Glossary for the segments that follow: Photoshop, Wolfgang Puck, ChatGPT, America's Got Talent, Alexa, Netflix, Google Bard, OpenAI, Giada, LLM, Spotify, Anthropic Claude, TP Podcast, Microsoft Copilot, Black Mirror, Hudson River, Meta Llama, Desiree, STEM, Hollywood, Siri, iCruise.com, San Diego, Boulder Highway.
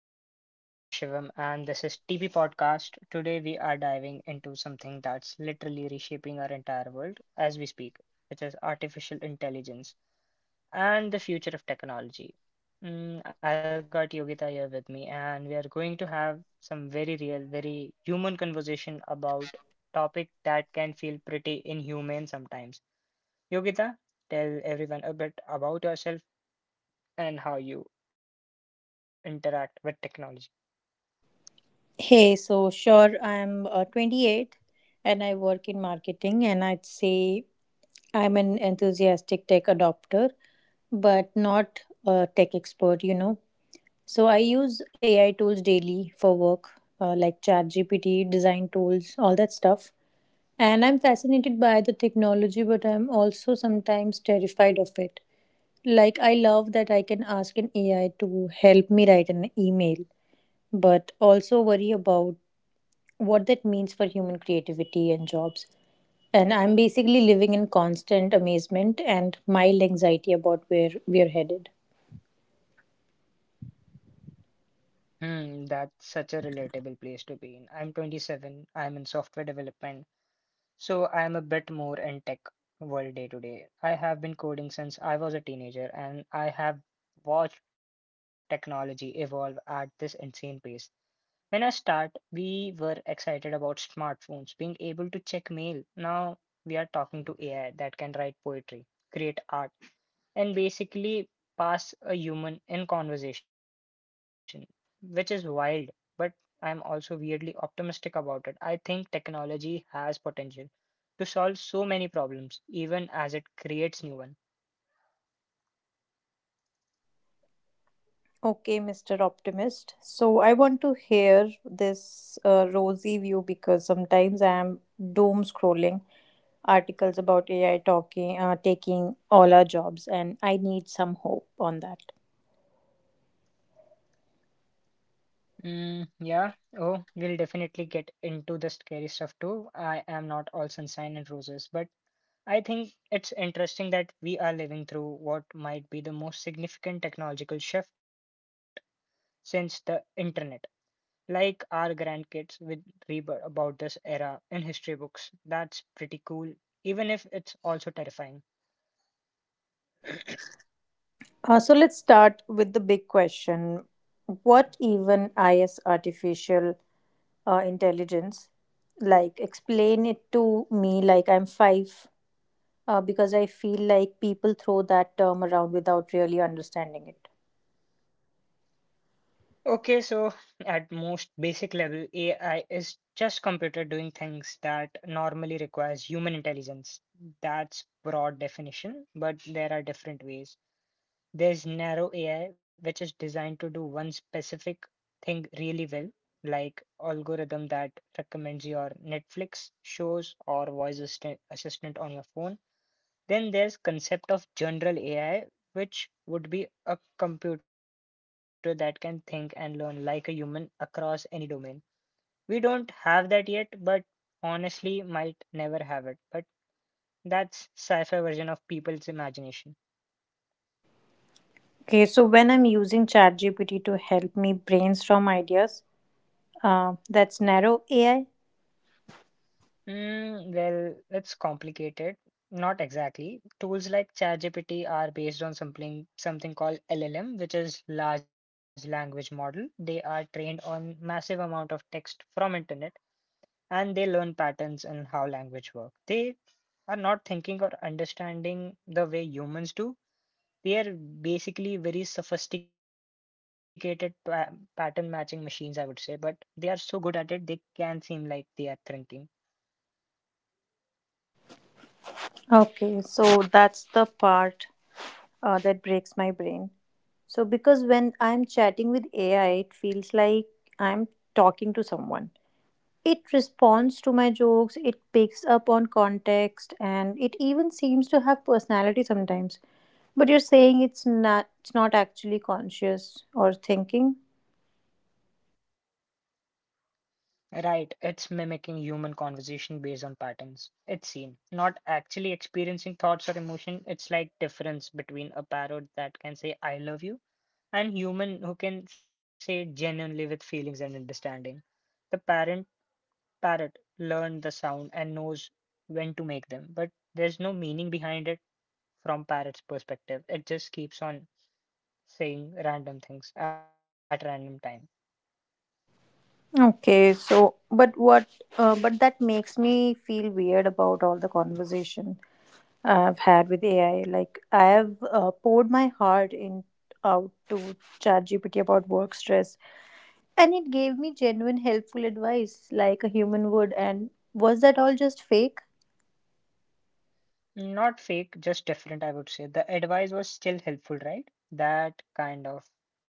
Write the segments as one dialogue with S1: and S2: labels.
S1: everyone. I am Shivam, and this is TP Podcast. Today, we are diving into something that's literally reshaping our entire world as we speak, which is artificial intelligence and the future of technology. Mm, I've got Yogita here with me, and we are going to have some very real, very human conversation about topic that can feel pretty inhumane sometimes. Yogita, tell everyone a bit about yourself and how you interact with technology.
S2: Hey, so sure, I'm 28 and I work in marketing, and I'd say I'm an enthusiastic tech adopter, but not a tech expert, you know. So I use AI tools daily for work, like ChatGPT, design tools, all that stuff. And I'm fascinated by the technology, but I'm also sometimes terrified of it. Like, I love that I can ask an AI to help me write an email, but also worry about what that means for human creativity and jobs. And I'm basically living in constant amazement and mild anxiety about where we are headed.
S1: Hmm, that's such a relatable place to be in. I'm 27. I'm in software development, so I'm a bit more in tech world day to day. I have been coding since I was a teenager, and I have watched technology evolve at this insane pace. When I start, we were excited about smartphones, being able to check mail. Now we are talking to AI that can write poetry, create art, and basically pass a human in conversation, which is wild, but I'm also weirdly optimistic about it. I think technology has potential to solve so many problems, even as it creates new ones.
S2: Okay, Mr. Optimist. So I want to hear this rosy view because sometimes I am doom scrolling articles about AI talking taking all our jobs, and I need some hope on that.
S1: Mm, yeah. Oh, we'll definitely get into the scary stuff too. I am not all sunshine and roses, but I think it's interesting that we are living through what might be the most significant technological shift since the internet. Like our grandkids will read about this era in history books. That's pretty cool, even if it's also terrifying.
S2: So let's start with the big question: what even is artificial intelligence, like, explain it to me like I'm five, because I feel like people throw that term around without really understanding it.
S1: Okay, so at most basic level, AI is just computer doing things that normally requires human intelligence. That's broad definition, but there are different ways. There's narrow AI, which is designed to do one specific thing really well, like algorithm that recommends your Netflix shows or voice assistant, on your phone. Then there's concept of general AI, which would be a computer that can think and learn like a human across any domain. We don't have that yet, but honestly might never have it. But that's sci-fi version of people's imagination.
S2: Okay, so when I'm using ChatGPT to help me brainstorm ideas, that's narrow AI.
S1: Mm, well, it's complicated. Not exactly. Tools like ChatGPT are based on something called LLM, which is large language model. They are trained on massive amount of text from internet and they learn patterns in how language work. They are not thinking or understanding the way humans do. They are basically very sophisticated pa pattern matching machines, I would say, but they are so good at it, they can seem like they are thinking.
S2: Okay, so that's the part that breaks my brain, so because when I'm chatting with AI it feels like I'm talking to someone. It responds to my jokes, it picks up on context, and it even seems to have personality sometimes. But you're saying it's not actually conscious or thinking.
S1: Right, it's mimicking human conversation based on patterns. It's seen, not actually experiencing thoughts or emotion. It's like difference between a parrot that can say I love you and human who can say genuinely with feelings and understanding. The parent parrot learned the sound and knows when to make them, but there's no meaning behind it from parrot's perspective. It just keeps on saying random things at random times.
S2: Okay, so but what but that makes me feel weird about all the conversation I've had with AI. Like, I have poured my heart in out to ChatGPT about work stress, and it gave me genuine helpful advice like a human would. And was that all just fake?
S1: Not fake, just different, I would say. The advice was still helpful, right? That kind of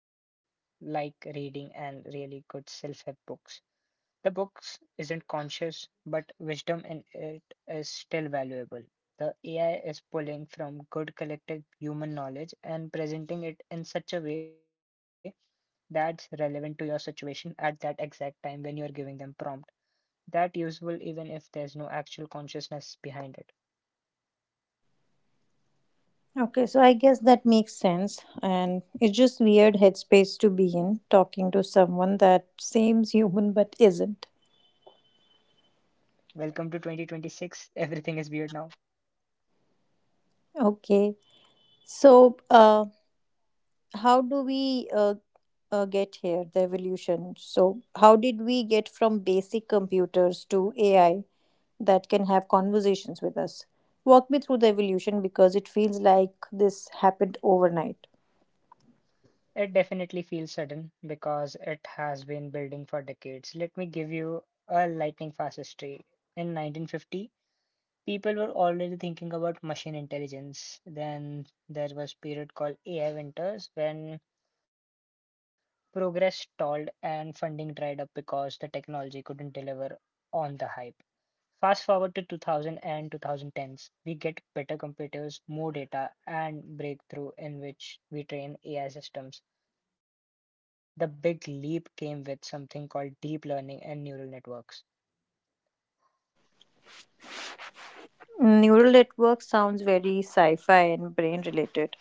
S1: like reading and really good self-help books. The books isn't conscious, but wisdom in it is still valuable. The AI is pulling from good collective human knowledge and presenting it in such a way that's relevant to your situation at that exact time when you're giving them prompt. That useful even if there's no actual consciousness behind it.
S2: Okay, so I guess that makes sense. And it's just weird headspace to be in, talking to someone that seems human but isn't.
S1: Welcome to 2026. Everything is weird now.
S2: Okay. So, how do we get here, the evolution? So, how did we get from basic computers to AI that can have conversations with us? Walk me through the evolution because it feels like this happened overnight.
S1: It definitely feels sudden because it has been building for decades. Let me give you a lightning fast history. In 1950, people were already thinking about machine intelligence. Then there was period called AI winters when progress stalled and funding dried up because the technology couldn't deliver on the hype. Fast forward to 2000 we get better computers, more data, and breakthrough in which we train AI systems. The big leap came with something called deep learning and neural networks.
S2: Neural network sounds very sci fi and brain related.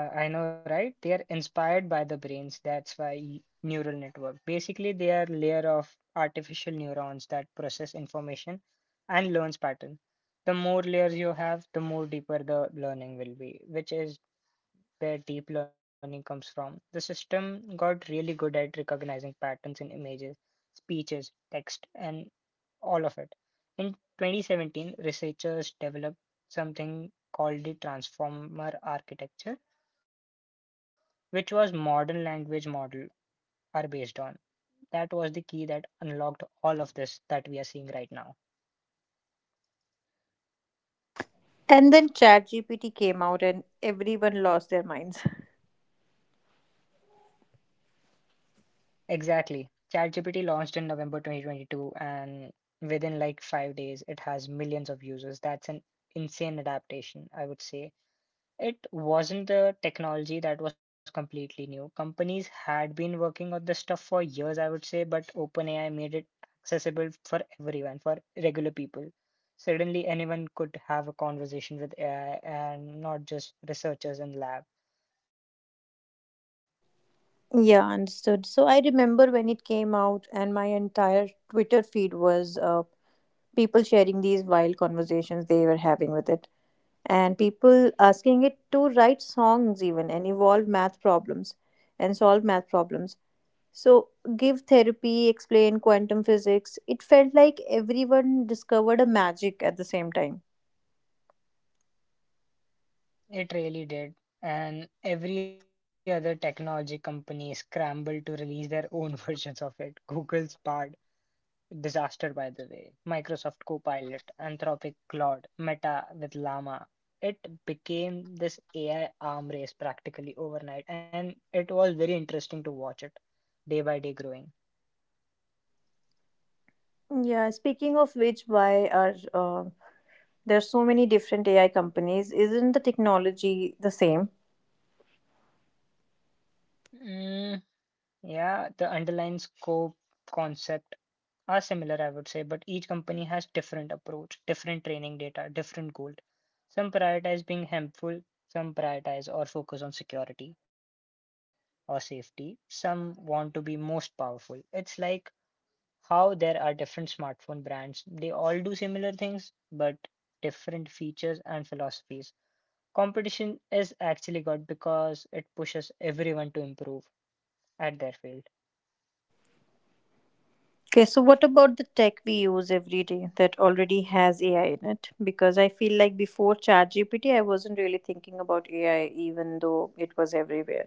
S1: Uh, I know, right? They are inspired by the brains. That's why neural network. Basically, they are layer of artificial neurons that process information and learns pattern. The more layers you have, the more deeper the learning will be, which is where deep learning comes from. The system got really good at recognizing patterns in images, speeches, text, and all of it. In 2017, researchers developed something called the transformer architecture, which was modern language models are based on. That was the key that unlocked all of this that we are seeing right now.
S2: And then ChatGPT came out and everyone lost their minds.
S1: Exactly. ChatGPT launched in November 2022, and within like 5 days, it has millions of users. That's an insane adaptation, I would say. It wasn't the technology that was completely new. Companies had been working on this stuff for years, I would say, but OpenAI made it accessible for everyone, for regular people. Suddenly, anyone could have a conversation with AI and not just researchers in lab.
S2: Yeah, understood. So I remember when it came out, and my entire Twitter feed was people sharing these wild conversations they were having with it, and people asking it to write songs, even and evolve math problems and solve math problems. So, give therapy, explain quantum physics. It felt like everyone discovered a magic at the same time.
S1: It really did. And every other technology company scrambled to release their own versions of it. Google's Bard, disaster by the way, Microsoft Copilot, Anthropic Claude, Meta with Llama. It became this AI arm race practically overnight, and it was very interesting to watch it day by day growing.
S2: Yeah, speaking of which, why are there's so many different AI companies. Isn't the technology the same?
S1: Mm, yeah, the underlying scope concept are similar, I would say, but each company has different approach, different training data, different goal. Some prioritize being helpful, some prioritize or focus on security or safety, some want to be most powerful. It's like how there are different smartphone brands. They all do similar things, but different features and philosophies. Competition is actually good because it pushes everyone to improve at their field.
S2: Okay, so what about the tech we use every day that already has AI in it? Because I feel like before ChatGPT, I wasn't really thinking about AI, even though it was everywhere.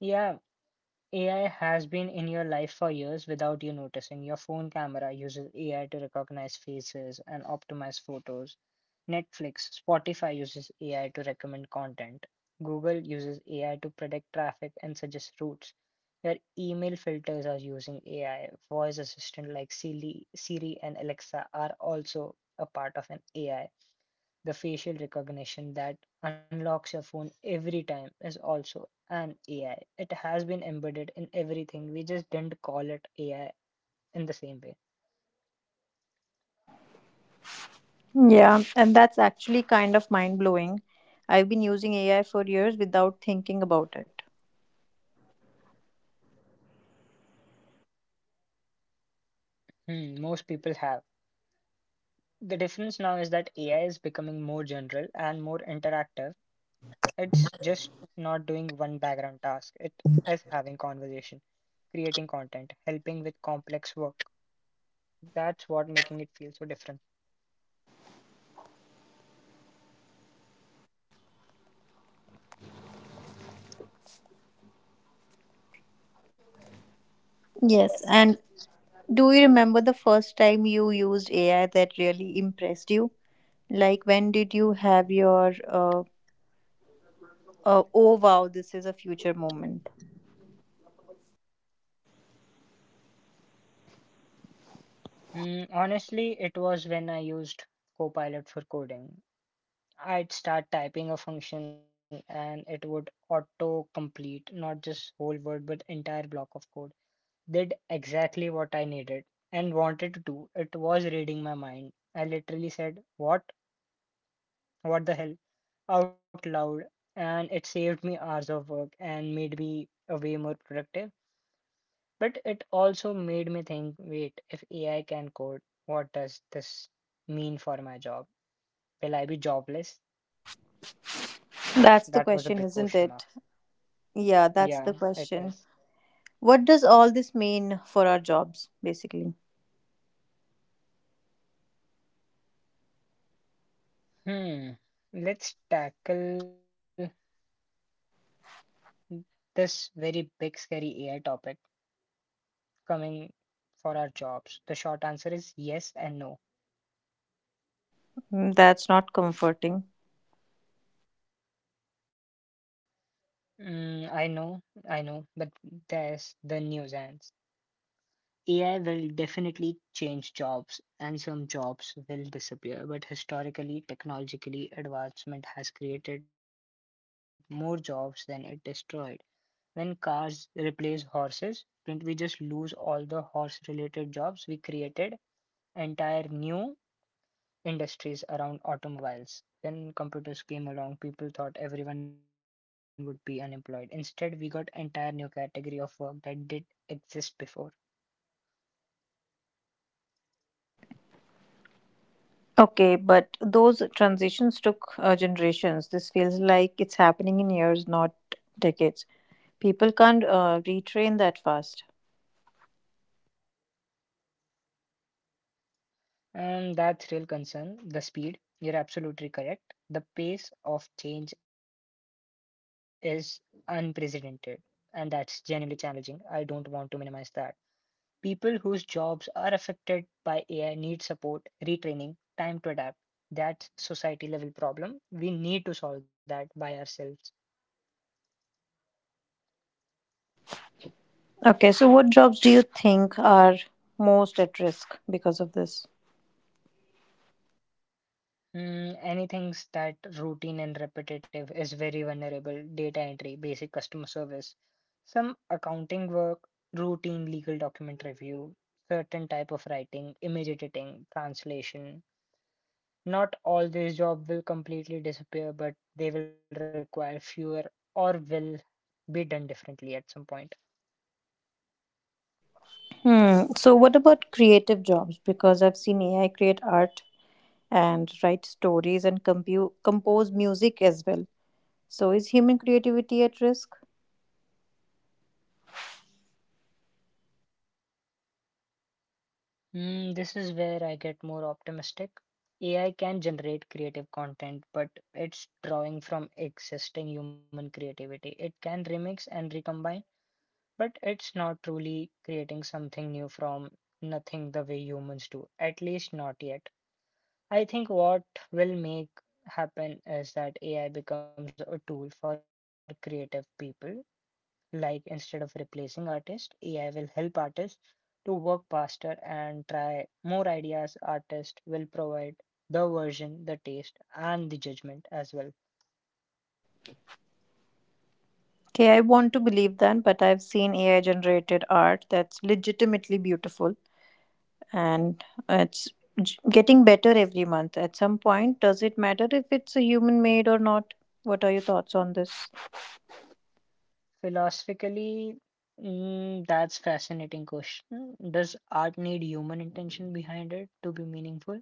S1: Yeah, AI has been in your life for years without you noticing. Your phone camera uses AI to recognize faces and optimize photos. Netflix, Spotify uses AI to recommend content. Google uses AI to predict traffic and suggest routes. Your email filters are using AI. Voice assistant like Siri and Alexa are also a part of an AI. The facial recognition that unlocks your phone every time is also an AI. It has been embedded in everything. We just didn't call it AI in the same way.
S2: Yeah, and that's actually kind of mind blowing. I've been
S3: Amen.
S2: using AI for years without thinking about it.
S1: Hmm, most people have. The difference now is that AI is becoming more general and more interactive. It's just not doing one background task. It is having conversation, creating content, helping with complex work. That's what making it feel so different.
S2: Yes, and do you remember the first time you used AI that really impressed you? Like, when did you have your oh wow, this is a future moment?
S1: Mm, honestly, it was when I used Copilot for coding. I'd start typing a function and it would auto complete not just whole word but entire block of code. Did exactly what I needed and wanted to do. It was reading my mind. I literally said, "What? What the hell?" out loud, and it saved me hours of work and made me a way more productive. But it also made me think wait, if AI can code, what does this mean for my job? Will I be jobless? That
S2: That's the
S1: was a big
S2: question,
S1: question
S2: isn't
S1: mark.
S2: it? Yeah, that's
S1: Yeah,
S2: the
S1: it
S2: question.
S1: is.
S2: What does all this mean for our jobs, basically?
S1: Hmm. Let's tackle this very big, scary AI topic coming for our jobs? The short answer is yes and no.
S2: Mm, that's not comforting.
S1: Mm, but there's the nuisance. AI will definitely change jobs, and some jobs will disappear. But historically, technologically, advancement has created more jobs than it destroyed. When cars replace horses, didn't we just lose all the horse-related jobs we created? Entire new industries around automobiles. When computers came along, people thought everyone would be unemployed. Instead, we got entire new category of work that did exist before.
S2: Okay, but those transitions took generations. This feels like it's happening in years, not decades. People can't retrain that fast.
S1: And that's real concern, the speed. You're absolutely correct. The pace of change is unprecedented, and that's genuinely challenging. I don't want to minimize that. People whose jobs are affected by AI need support, retraining, time to adapt. That's society level problem. We need to solve that by ourselves.
S2: Okay, so what jobs do you think are most at risk because of this?
S1: Mm, anything that routine and repetitive is very vulnerable. Data entry, basic customer service, some accounting work, routine legal document review, certain type of writing, image editing, translation. Not all these jobs will completely disappear, but they will require fewer or will be done differently at some point.
S2: Hmm. So, what about creative jobs? Because I've seen AI create art and write stories and compose music as well. So, is human creativity at risk?
S1: Mm, this is where I get more optimistic. AI can generate creative content, but it's drawing from existing human creativity. It can remix and recombine, but it's not truly creating something new from nothing the way humans do, at least not yet. I think what will make happen is that AI becomes a tool for creative people. Like instead of replacing artists, AI will help artists to work faster and try more ideas. Artists will provide the version, the taste, and the judgment as well.
S2: Okay, I want to believe that, but I've seen AI generated art that's legitimately beautiful and it's getting better every month. At some point, does it matter if it's a human made or not? What are your thoughts on this?
S1: Philosophically, mm, that's fascinating question. Does art need human intention behind it to be meaningful?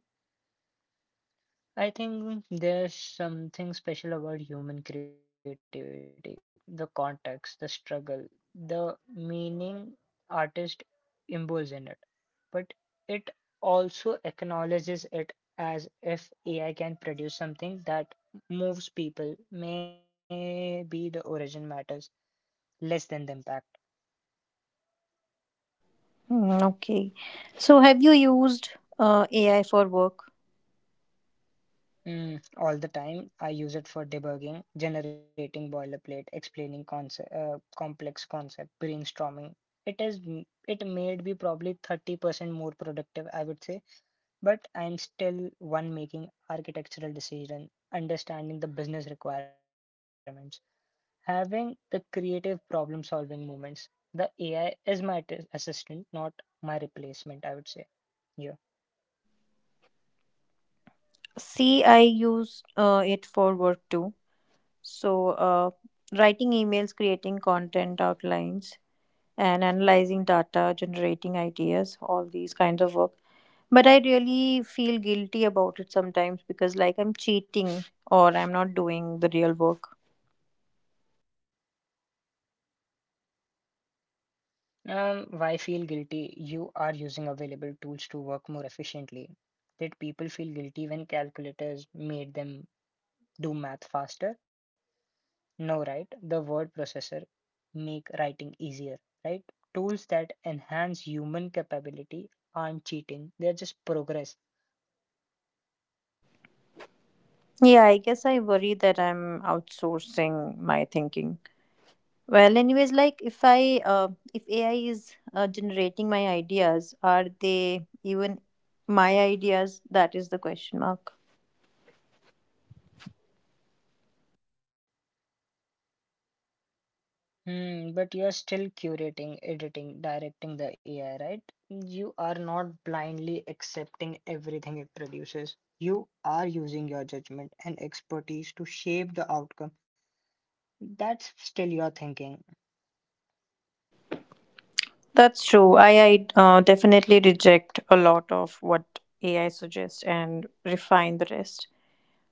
S1: I think there's something special about human creativity, the context, the struggle, the meaning artist imbues in it. But it also acknowledges it as if AI can produce something that moves people. Maybe the origin matters less than the impact.
S2: Mm, okay. So, have you used AI for work?
S1: Mm, all the time, I use it for debugging, generating boilerplate, explaining concept, complex concept, brainstorming. It is it made me probably 30% more productive, I would say, but I'm still one making architectural decision, understanding the business requirements, having the creative problem solving moments. The AI is my assistant, not my replacement, I would say. Yeah.
S2: See, I use it for work too. So, writing emails, creating content outlines, and analyzing data, generating ideas, all these kinds of work. But I really feel guilty about it sometimes because, like, I'm cheating or I'm not doing the real work.
S1: Why feel guilty? You are using available tools to work more efficiently. Did people feel guilty when calculators made them do math faster? No, right? The word processor make writing easier, right? Tools that enhance human capability aren't cheating, they're just progress.
S2: Yeah, I guess I worry that I'm outsourcing my thinking. Well, anyways, like if I if AI is generating my ideas, are they even my ideas? That is the question mark.
S1: Hmm, but you are still curating, editing, directing the AI, right? You are not blindly accepting everything it produces. You are using your judgment and expertise to shape the outcome. That's still your thinking.
S2: That's true. I definitely reject a lot of what AI suggests and refine the rest.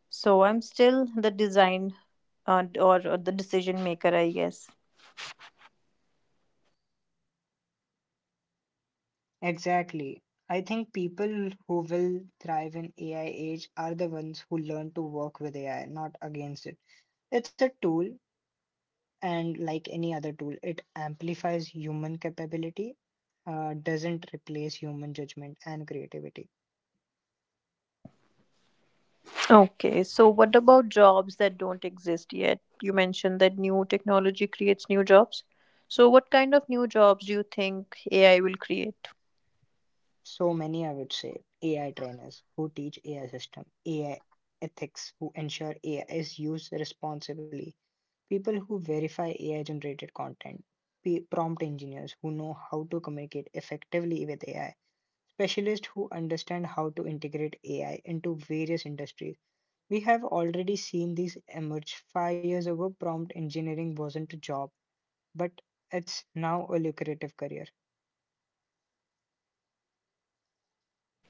S2: So I'm still the design or the decision maker, I guess.
S1: Exactly. I think people who will thrive in AI age are the ones who learn to work with AI, not against it. It's a tool, and like any other tool, it amplifies human capability, doesn't replace human judgment and creativity.
S2: Okay. So what about jobs that don't exist yet? You mentioned that new technology creates new jobs. So what kind of new jobs do you think AI will create?
S1: So many, I would say, AI trainers who teach AI system, AI ethics, who ensure AI is used responsibly, people who verify AI generated content, prompt engineers who know how to communicate effectively with AI, specialists who understand how to integrate AI into various industries. We have already seen these emerge. 5 years ago, prompt engineering wasn't a job, but it's now a lucrative career.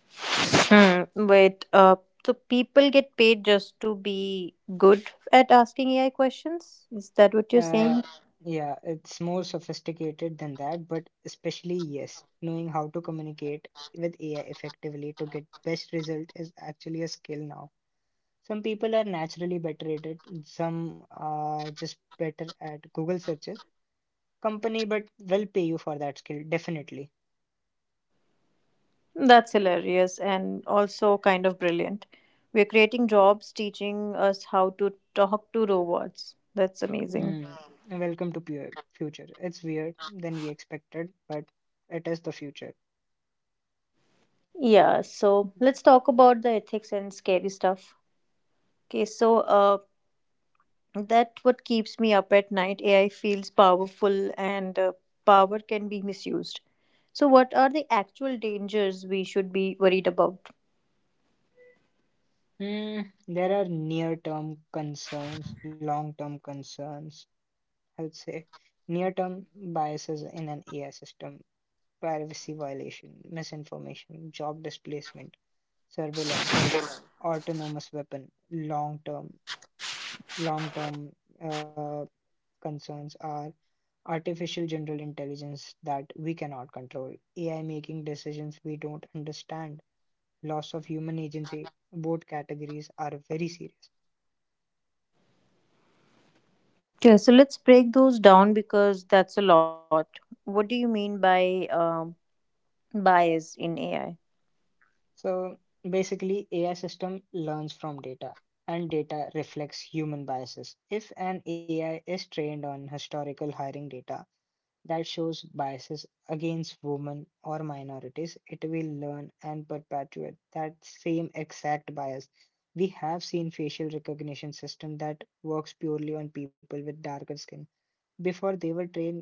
S2: Hmm, wait. So people get paid just to be good at asking AI questions? Is that what you're
S1: Uh,
S2: saying?
S1: yeah, it's more sophisticated than that, but especially, yes, knowing how to communicate with AI effectively to get best result is actually a skill now. Some people are naturally better at it, some are just better at Google searches. Company, but will pay you for that skill, definitely.
S2: That's hilarious and also kind of brilliant. We're creating jobs teaching us how to talk to robots. That's amazing.
S1: Mm, welcome to pure future. It's weird than we expected, but it is the future.
S2: Yeah, so let's talk about the ethics and scary stuff. Okay, so that what keeps me up at night. AI feels powerful and power can be misused. So what are the actual dangers we should be worried about?
S1: Mm, there are near-term concerns, long-term concerns. I would say near-term biases in an AI system, privacy violation, misinformation, job displacement, surveillance, autonomous weapon. Long-term, long-term uh, concerns are artificial general intelligence that we cannot control, AI making decisions we don't understand, loss of human agency. Both categories are very serious.
S2: Okay, so let's break those down because that's a lot. What do you mean by bias in AI?
S1: So basically, AI system learns from data, and data reflects human biases. If an AI is trained on historical hiring data that shows biases against women or minorities, it will learn and perpetuate that same exact bias. We have seen facial recognition system that works purely on people with darker skin before they were trained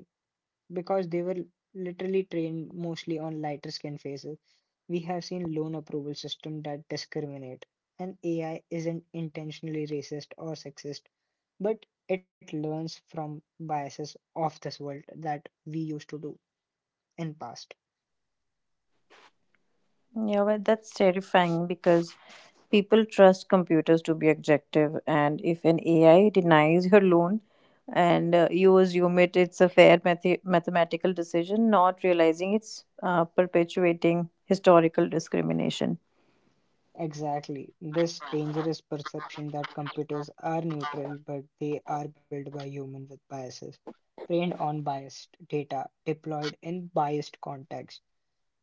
S1: because they were literally trained mostly on lighter skin faces. We have seen loan approval system that discriminate. And AI isn't intentionally racist or sexist, but it learns from biases of this world that we used to do. In past.
S2: Yeah, well, that's terrifying because people trust computers to be objective, and if an AI denies your loan and you assume it's a fair mathematical decision, not realizing it's perpetuating historical discrimination.
S1: Exactly. This dangerous perception that computers are neutral, but they are built by humans with biases, trained on biased data, deployed in biased context.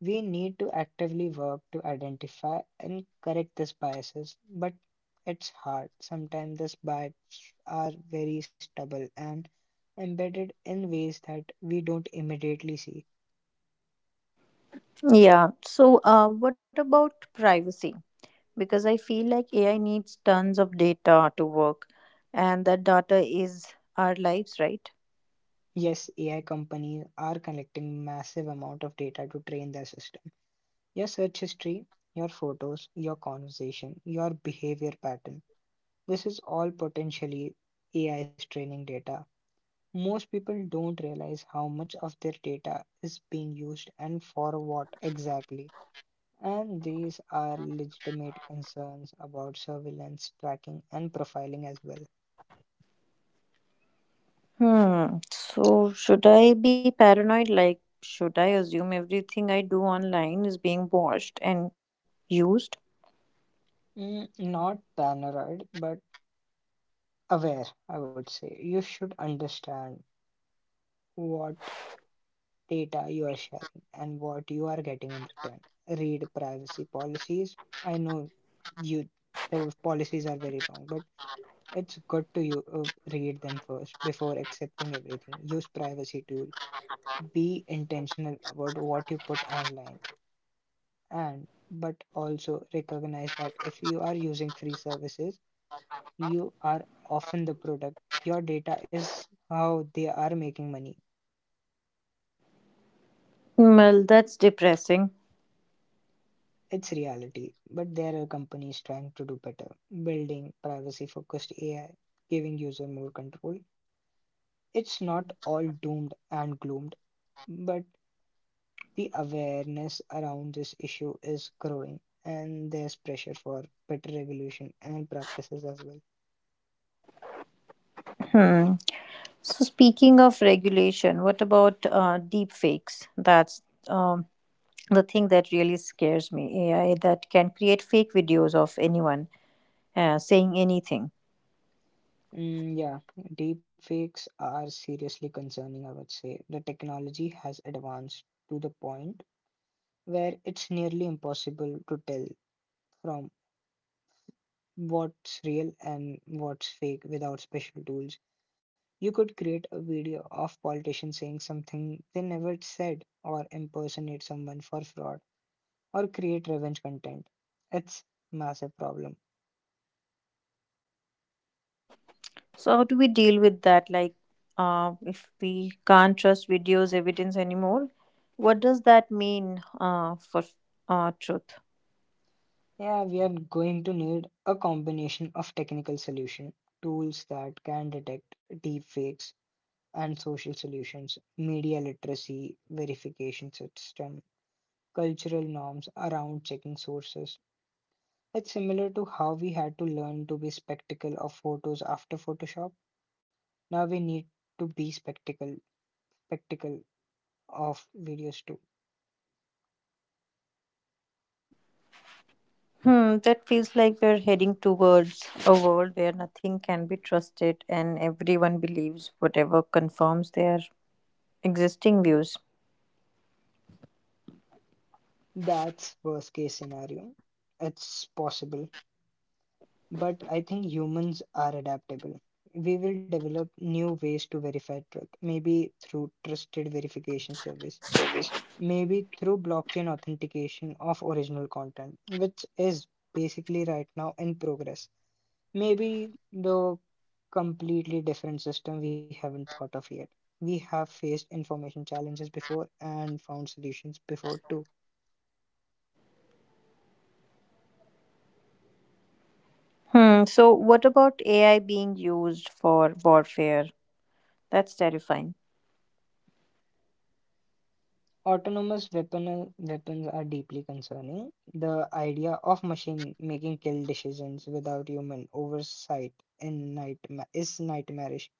S1: We need to actively work to identify and correct these biases, but it's hard. Sometimes these biases are very stubborn and embedded in ways that we don't immediately see.
S2: Yeah, so what about privacy? Because I feel like AI needs tons of data to work, and that data is our lives, right?
S1: Yes, AI companies are collecting massive amount of data to train their system. Your search history, your photos, your conversation, your behavior pattern. This is all potentially AI's training data. Most people don't realize how much of their data is being used and for what exactly. And these are legitimate concerns about surveillance, tracking, and profiling as well.
S2: Hmm. So, should I be paranoid? Like, should I assume everything I do online is being watched and used?
S1: Mm, not paranoid, but aware, I would say. You should understand what data you are sharing and what you are getting in return. Read privacy policies. I know you the policies are very long, but it's good to you read them first before accepting everything. Use privacy tool. Be intentional about what you put online, and but also recognize that if you are using free services, you are often the product. Your data is how they are making money.
S2: Well, that's depressing.
S1: It's reality, but there are companies trying to do better, building privacy focused AI, giving user more control. It's not all doomed and gloomed, but the awareness around this issue is growing, and there's pressure for better regulation and practices as well.
S2: Hmm. So, speaking of regulation, what about deep fakes? That's the thing that really scares me. AI that can create fake videos of anyone saying anything.
S1: Mm, yeah, deepfakes are seriously concerning, I would say. The technology has advanced to the point where it's nearly impossible to tell from what's real and what's fake without special tools. You could create a video of politicians saying something they never said, or impersonate someone for fraud, or create revenge content. It's massive problem.
S2: So how do we deal with that? Like, if we can't trust videos, evidence anymore, what does that mean for truth?
S1: Yeah, we are going to need a combination of technical solution, tools that can detect deep fakes, and social solutions, media literacy, verification system, cultural norms around checking sources. It's similar to how we had to learn to be spectacle of photos after Photoshop. Now we need to be spectacle of videos too.
S2: Hmm, that feels like we're heading towards a world where nothing can be trusted and everyone believes whatever confirms their existing views.
S1: That's worst case scenario. It's possible, but I think humans are adaptable. We will develop new ways to verify truth, maybe through trusted verification service, maybe through blockchain authentication of original content, which is basically right now in progress. Maybe the completely different system we haven't thought of yet. We have faced information challenges before and found solutions before too.
S2: Hmm, so what about AI being used for warfare? That's terrifying.
S1: Autonomous weapons are deeply concerning. The idea of machine making kill decisions without human oversight in is nightmarish.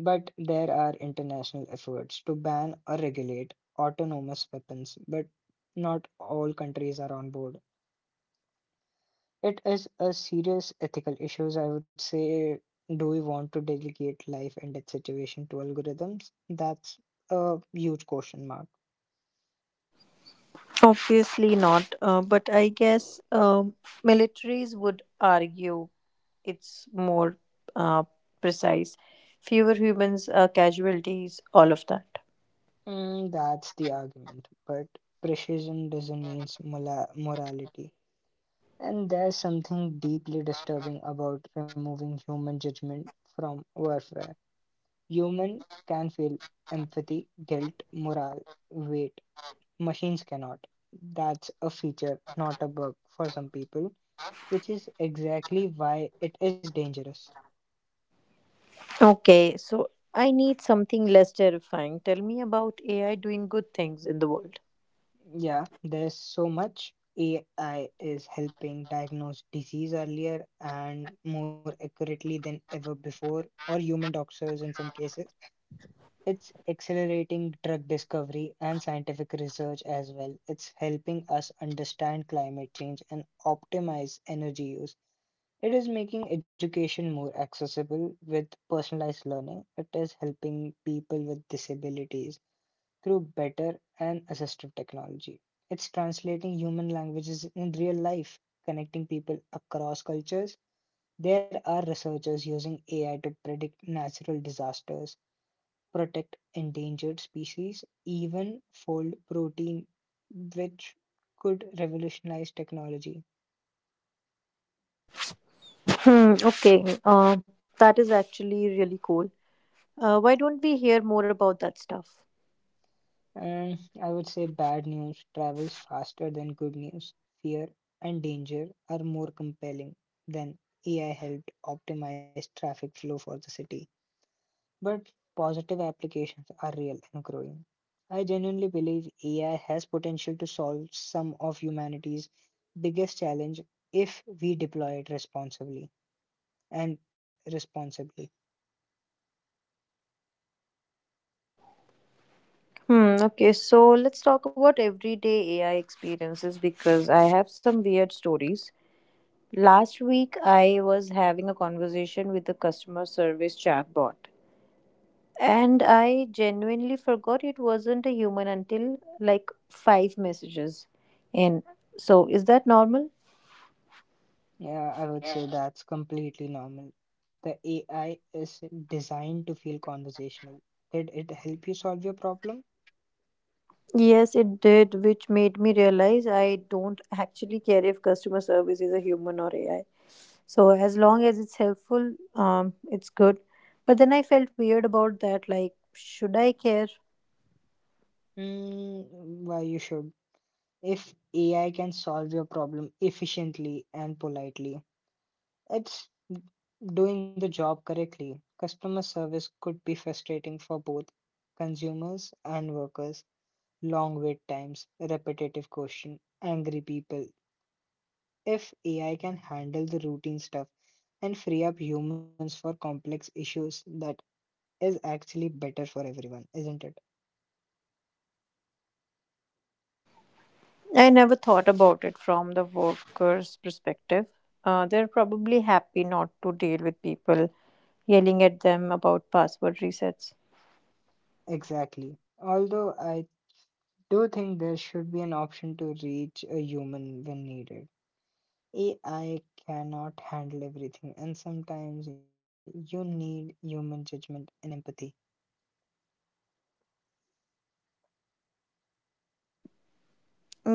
S1: But there are international efforts to ban or regulate autonomous weapons, but not all countries are on board. It is a serious ethical issue. I would say, do we want to delegate life and death situation to algorithms? That's a huge question mark.
S2: Obviously not, but I guess militaries would argue it's more uh, precise. Fewer humans, casualties, all of that.
S1: Mm, that's the argument, but precision doesn't mean morality. And there's something deeply disturbing about removing human judgment from warfare. Human can feel empathy, guilt, morale, weight. Machines cannot. That's a feature, not a bug for some people, which is exactly why it is dangerous.
S2: Okay, so I need something less terrifying. Tell me about AI doing good things in the world.
S1: Yeah, there's so much. AI is helping diagnose disease earlier and more accurately than ever before, or human doctors in some cases. It's accelerating drug discovery and scientific research as well. It's helping us understand climate change and optimize energy use. It is making education more accessible with personalized learning. It is helping people with disabilities through better and assistive technology. It's translating human languages in real life, connecting people across cultures. There are researchers using AI to predict natural disasters, protect endangered species, even fold protein, which could revolutionize technology.
S2: Hmm, okay, that is actually really cool. Why don't we hear more about that stuff?
S1: And I would say bad news travels faster than good news. Fear and danger are more compelling than AI helped optimize traffic flow for the city. But positive applications are real and growing. I genuinely believe AI has potential to solve some of humanity's biggest challenge if we deploy it responsibly. And responsibly.
S2: Hmm, okay, so let's talk about everyday AI experiences because I have some weird stories. Last week, I was having a conversation with a customer service chatbot. And I genuinely forgot it wasn't a human until like five messages in. So, is that normal?
S1: Yeah, I would say that's completely normal. The AI is designed to feel conversational. Did it help you solve your problem?
S2: Yes, it did, which made me realize I don't actually care if customer service is a human or AI. So, as long as it's helpful, it's good. But then I felt weird about that. Like, should I care?
S1: Mm, why you should. If AI can solve your problem efficiently and politely, it's doing the job correctly. Customer service could be frustrating for both consumers and workers. Long wait times, repetitive question, angry people. If AI can handle the routine stuff and free up humans for complex issues, that is actually better for everyone, isn't it?
S2: I never thought about it from the worker's perspective. They're probably happy not to deal with people yelling at them about password resets.
S1: Exactly. Although I do think there should be an option to reach a human when needed. AI cannot handle everything, and sometimes you need human judgment and empathy.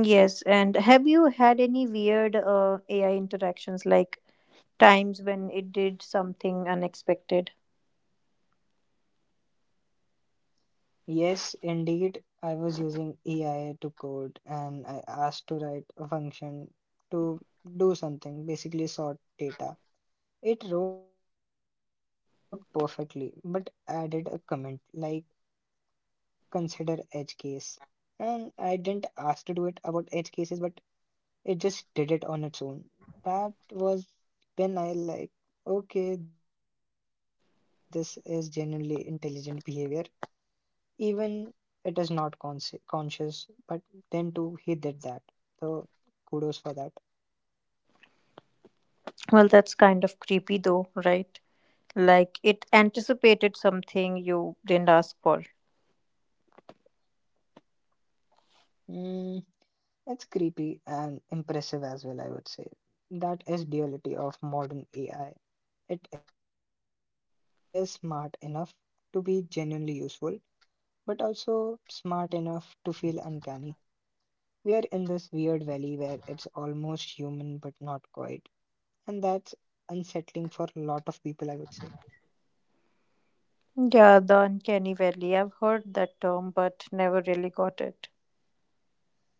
S2: Yes, and have you had any weird AI interactions like times when it did something unexpected?
S1: Yes, indeed, I was using AI to code and I asked to write a function to do something, basically sort data. It wrote perfectly, but added a comment like consider edge case. And I didn't ask to do it about edge cases, but it just did it on its own. That was when I like, okay, this is genuinely intelligent behavior. Even it is not conscious, but then too he did that. So kudos for that.
S2: Well, that's kind of creepy though, right? Like, it anticipated something you didn't ask for.
S1: Mm. It's creepy and impressive as well, I would say. That is duality of modern AI. It is smart enough to be genuinely useful, but also smart enough to feel uncanny. We are in this weird valley where it's almost human but not quite, and that's unsettling for a lot of people, I would say.
S2: Yeah, the uncanny valley. I've heard that term, but never really got it.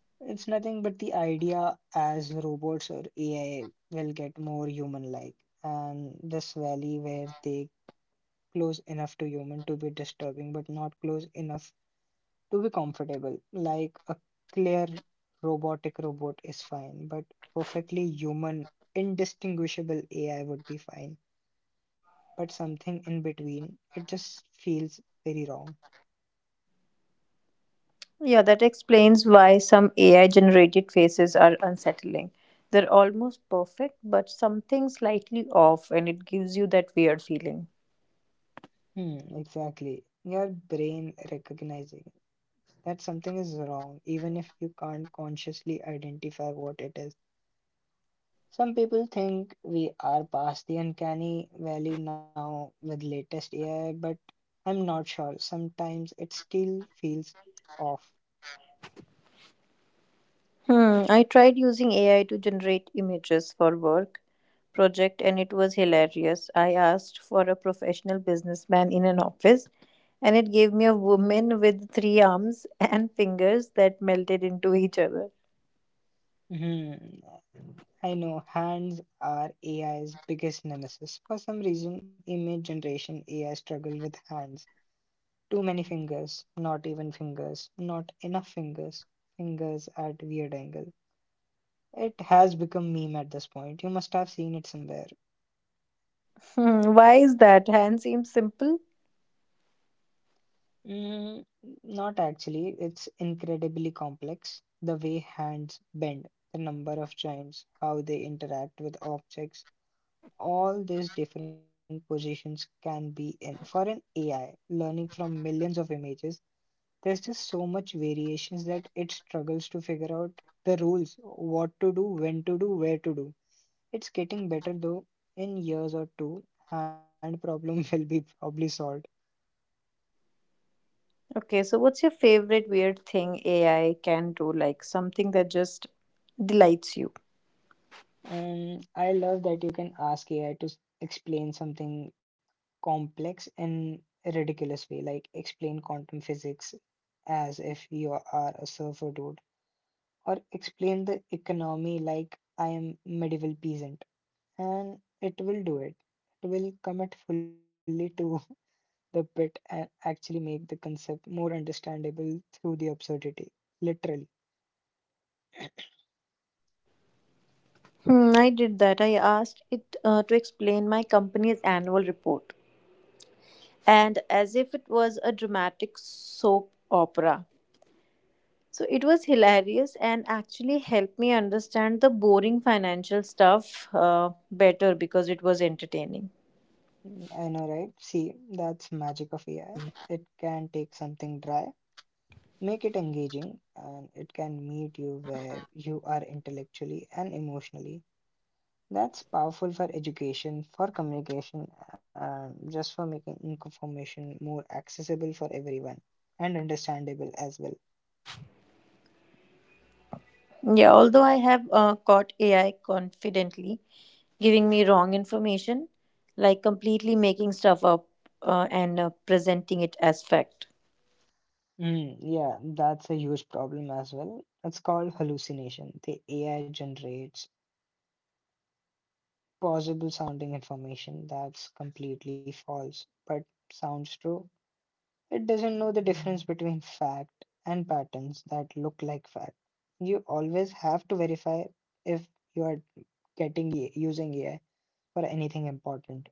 S1: It's nothing but the idea as robots or AI will get more human like, and this valley where they close enough to human to be disturbing, but not close enough to be comfortable. Like a clear robotic robot is fine, but perfectly human, indistinguishable AI would be fine. But something in between, it just feels very wrong.
S2: Yeah, that explains why some AI generated faces are unsettling. They're almost perfect, but something slightly off, and it gives you that weird feeling.
S1: Hmm, exactly. Your brain recognizing that something is wrong, even if you can't consciously identify what it is. Some people think we are past the uncanny valley now with latest AI, but I'm not sure. Sometimes it still feels off.
S2: Hmm, I tried using AI to generate images for work project, and it was hilarious. I asked for a professional businessman in an office, and it gave me a woman with three arms and fingers that melted into each other.
S1: Hmm. I know hands are AI's biggest nemesis. For some reason, image generation AI struggle with hands. Too many fingers, not even fingers, not enough fingers, fingers at weird angle. It has become meme at this point. You must have seen it somewhere.
S2: Hmm, why is that? Hand seems simple.
S1: Mm, not actually. It's incredibly complex. The way hands bend, the number of joints, how they interact with objects, all these different positions can be in. For an AI learning from millions of images, there's just so much variations that it struggles to figure out the rules, what to do, when to do, where to do. It's getting better though. In years or two, hand problem will be probably solved.
S2: Okay, so what's your favorite weird thing AI can do? Like something that just delights you?
S1: And I love that you can ask AI to explain something complex in a ridiculous way, like explain quantum physics as if you are a surfer dude, or explain the economy like I am medieval peasant, and it will do it. It will commit fully to the bit and actually make the concept more understandable through the absurdity. Literally.
S2: Hmm, I did that. I asked it to explain my company's annual report, and as if it was a dramatic soap opera. So it was hilarious and actually helped me understand the boring financial stuff better because it was entertaining.
S1: Mm, I know, right? See, that's magic of AI. It can take something dry, make it engaging, and it can meet you where you are intellectually and emotionally. That's powerful for education, for communication, and just for making information more accessible for everyone and understandable as well.
S2: Yeah, although I have caught AI confidently giving me wrong information, like completely making stuff up and presenting it as fact.
S1: Mm, yeah, that's a huge problem as well. It's called hallucination. The AI generates plausible sounding information that's completely false but sounds true. It doesn't know the difference between fact and patterns that look like fact. You always have to verify if you are getting A- I using AI for anything important.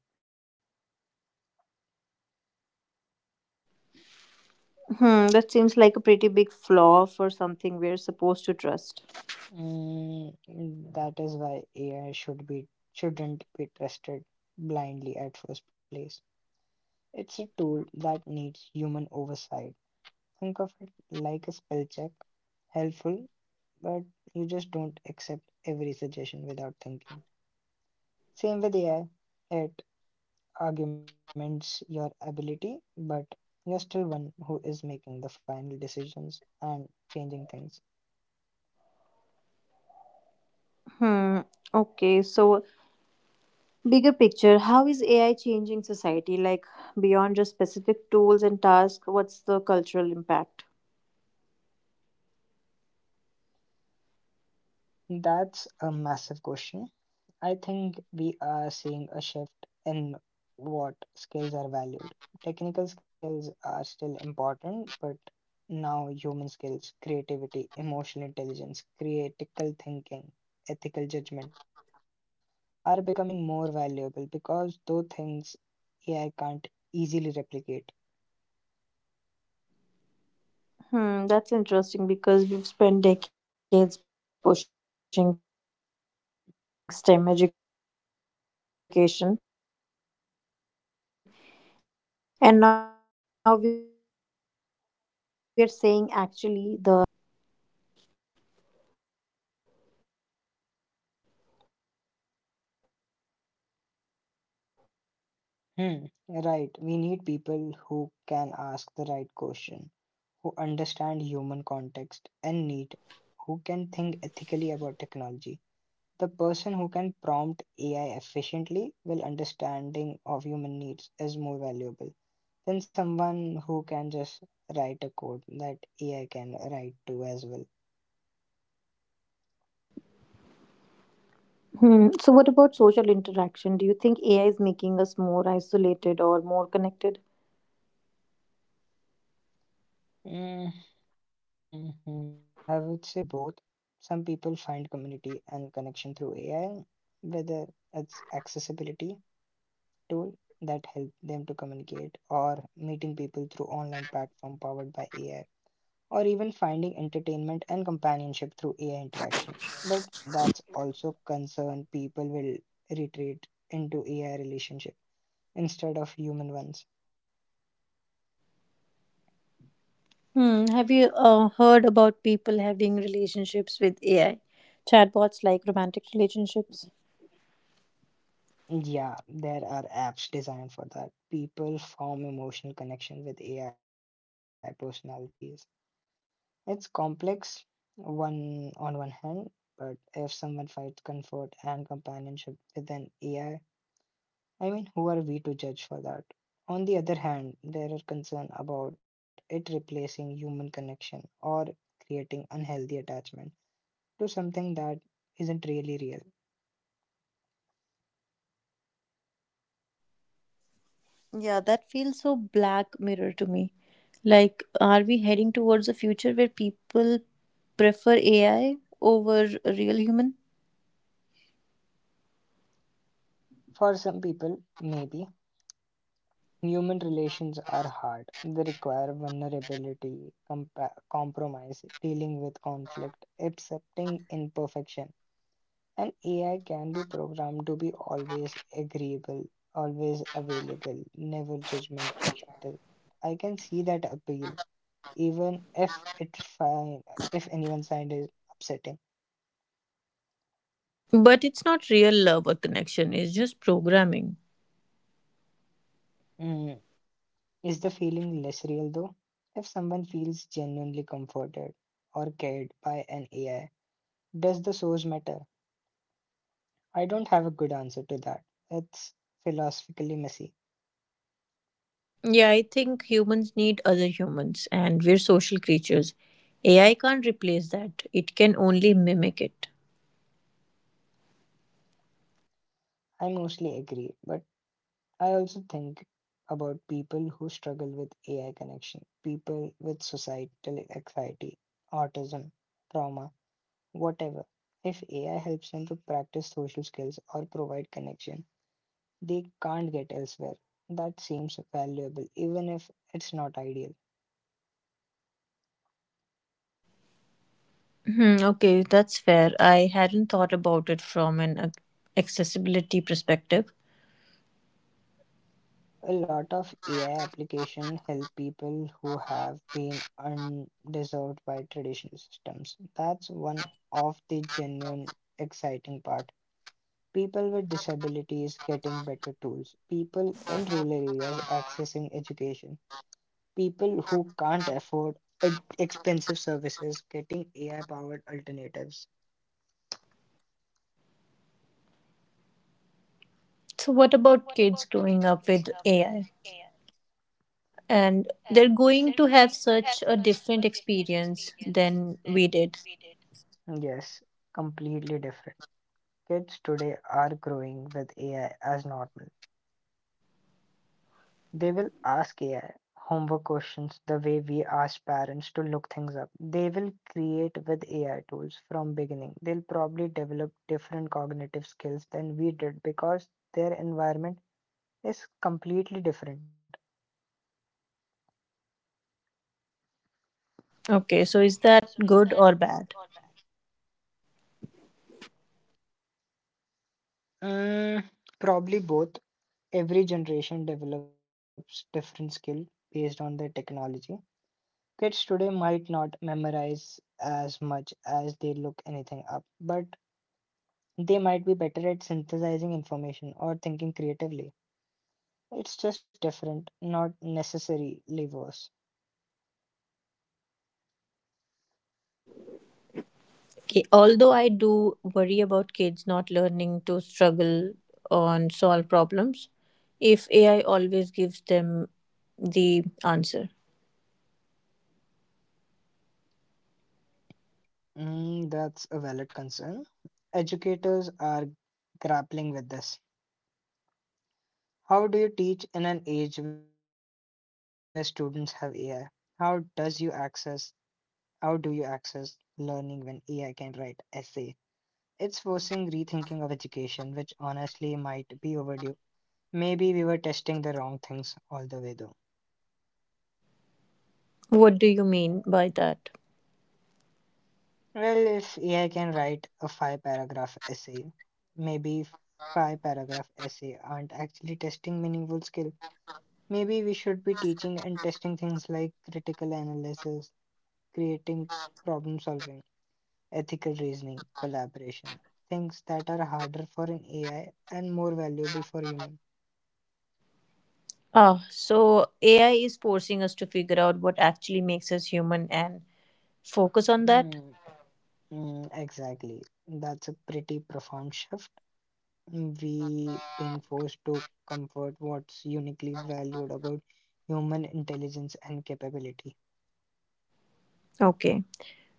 S2: Hmm, that seems like a pretty big flaw for something we're supposed to trust.
S1: Mm, that is why AI should be shouldn't be trusted blindly at first place. It's a tool that needs human oversight. Think of it like a spell check, helpful, but you just don't accept every suggestion without thinking. Same with AI. It arguments your ability, but you're still one who is making the final decisions and changing things.
S2: Hmm. Okay, so bigger picture, how is AI changing society? Like beyond just specific tools and tasks, what's the cultural impact?
S1: That's a massive question. I think we are seeing a shift in what skills are valued. Technical skills are still important, but now human skills, creativity, emotional intelligence, critical thinking, ethical judgment are becoming more valuable because those things AI can't easily replicate.
S2: Hmm, that's interesting because we've spent decades pushing STEM education, and now we are saying actually the humanities matter more than ever.
S1: Hmm, right. We need people who can ask the right question, who understand human context and need, who can think ethically about technology. The person who can prompt AI efficiently will understanding of human needs is more valuable than someone who can just write a code that AI can write to as well.
S2: Hmm. So, what about social interaction? Do you think AI is making us more isolated or more connected?
S1: Mm-hmm. I would say both. Some people find community and connection through AI, whether it's accessibility tool that help them to communicate or meeting people through online platform powered by AI, or even finding entertainment and companionship through AI interaction. But that's also concern people will retreat into AI relationship instead of human ones.
S2: Hmm, have you heard about people having relationships with AI? Chatbots like romantic relationships?
S1: Yeah, there are apps designed for that. People form emotional connection with AI personalities. It's complex one on one hand, but if someone finds comfort and companionship with an AI, I mean, who are we to judge for that? On the other hand, there are concerns about it replacing human connection or creating unhealthy attachment to something that isn't really real.
S2: Yeah, that feels so Black Mirror to me. Like, are we heading towards a future where people prefer AI over a real human?
S1: For some people, maybe. Human relations are hard. They require vulnerability, compromise, dealing with conflict, accepting imperfection. And AI can be programmed to be always agreeable, always available, never judgmental. I can see that appeal, even if it fi- if anyone's side is upsetting.
S2: But it's not real love or connection, it's just programming.
S1: Mm. Is the feeling less real though? If someone feels genuinely comforted or cared by an AI, does the source matter? I don't have a good answer to that. It's philosophically messy.
S2: Yeah, I think humans need other humans, and we're social creatures. AI can't replace that, it can only mimic it.
S1: I mostly agree, but I also think about people who struggle with AI connection, people with societal anxiety, autism, trauma, whatever. If AI helps them to practice social skills or provide connection, they can't get elsewhere. That seems valuable, even if it's not ideal.
S2: Hmm, okay, that's fair. I hadn't thought about it from an accessibility perspective.
S1: A lot of AI applications help people who have been undeserved by traditional systems. That's one of the genuine exciting part. People with disabilities getting better tools, people in rural areas accessing education, people who can't afford e- expensive services getting AI powered alternatives.
S2: So, what about kids growing up with AI? And they're going to have such a different experience than we did.
S1: Yes, completely different. Kids today are growing with AI as normal. They will ask AI homework questions the way we ask parents to look things up. They will create with AI tools from beginning. They'll probably develop different cognitive skills than we did because their environment is completely different.
S2: Okay, so is that good or bad?
S1: Mm, probably both. Every generation develops different skill based on their technology. Kids today might not memorize as much as they look anything up, but they might be better at synthesizing information or thinking creatively. It's just different, not necessarily worse.
S2: Okay, although I do worry about kids not learning to struggle on solve problems, if AI always gives them the answer.
S1: Mm, that's a valid concern. Educators are grappling with this. How do you teach in an age where students have AI? How does you access how do you access learning when AI can write essay? It's forcing rethinking of education, which honestly might be overdue. Maybe we were testing the wrong things all the way though.
S2: What do you mean by that?
S1: Well, if AI can write a five paragraph essay, maybe five paragraph essay aren't actually testing meaningful skill. Maybe we should be teaching and testing things like critical analysis, creating problem solving, ethical reasoning, collaboration, things that are harder for an AI and more valuable for human.
S2: Ah, so AI is forcing us to figure out what actually makes us human and focus on that.
S1: Mm, exactly. That's a pretty profound shift we being forced to comfort what's uniquely valued about human intelligence and capability.
S2: Okay.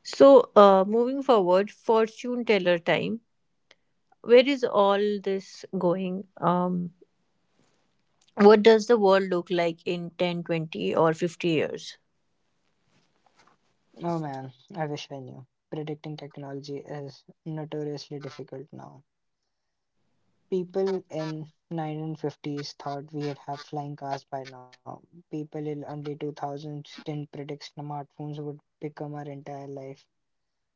S2: So, moving forward, fortune teller time. Where is all this going? What does the world look like in 10, 20, or 50 years?
S1: Oh man, I wish I knew. Predicting technology is notoriously difficult now. People in 1950s thought we'd have flying cars by now. People in early 2000s didn't predict smartphones would become our entire life.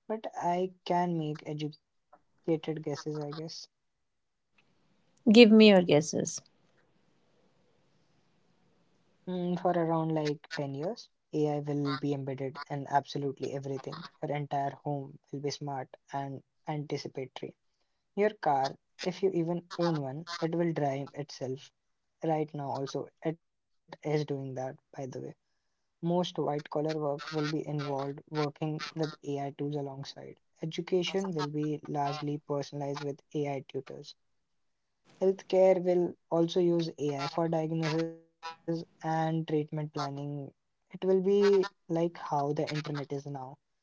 S1: But I can make educated guesses, I guess.
S2: Give me your guesses.
S1: Mm, for around like 10 years, AI will be embedded in absolutely everything. Your entire home will be smart and anticipatory. Your car, if you even own one, it will drive itself. Right now, also, it is doing that, by the way. Most white collar work will be involved working with AI tools alongside. Education will be largely personalized with AI tutors. Healthcare will also use AI for diagnosis and treatment planning. It will be like how the internet is now.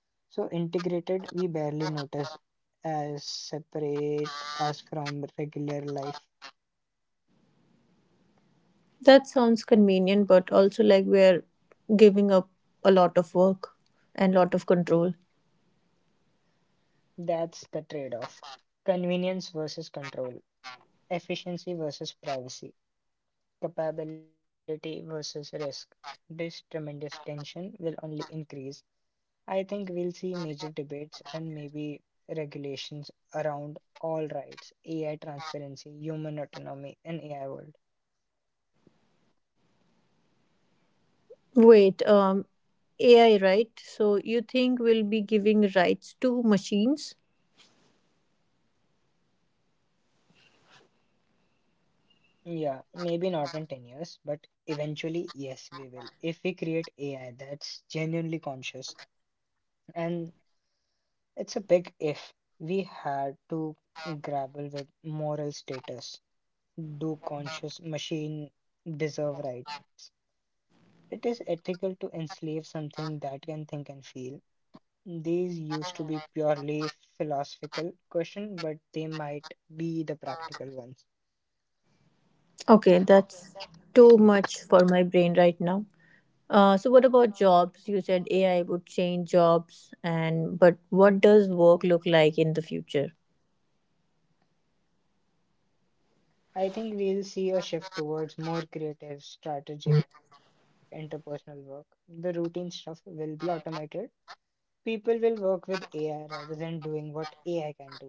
S1: So integrated, we barely notice as separate us from regular life.
S2: That sounds convenient, but also like we're giving up a lot of work and lot of control.
S1: That's the trade off. Convenience versus control, efficiency versus privacy, capability versus risk. This tremendous tension will only increase. I think we'll see major debates and maybe regulations around all rights, AI transparency, human autonomy, and AI world.
S2: Wait, um, AI, right? So you think we'll be giving rights to machines?
S1: Yeah, maybe not in 10 years, but eventually, yes, we will. If we create AI that's genuinely conscious, and it's a big if, we had to grapple with moral status. Do conscious machine deserve rights? It is ethical to enslave something that can think and feel. These used to be purely philosophical questions, but they might be the practical ones.
S2: Okay, that's too much for my brain right now. So what about jobs? You said AI would change jobs, and but what does work look like in the future?
S1: I think we'll see a shift towards more creative, strategic, interpersonal work. The routine stuff will be automated. People will work with AI rather than doing what AI can do.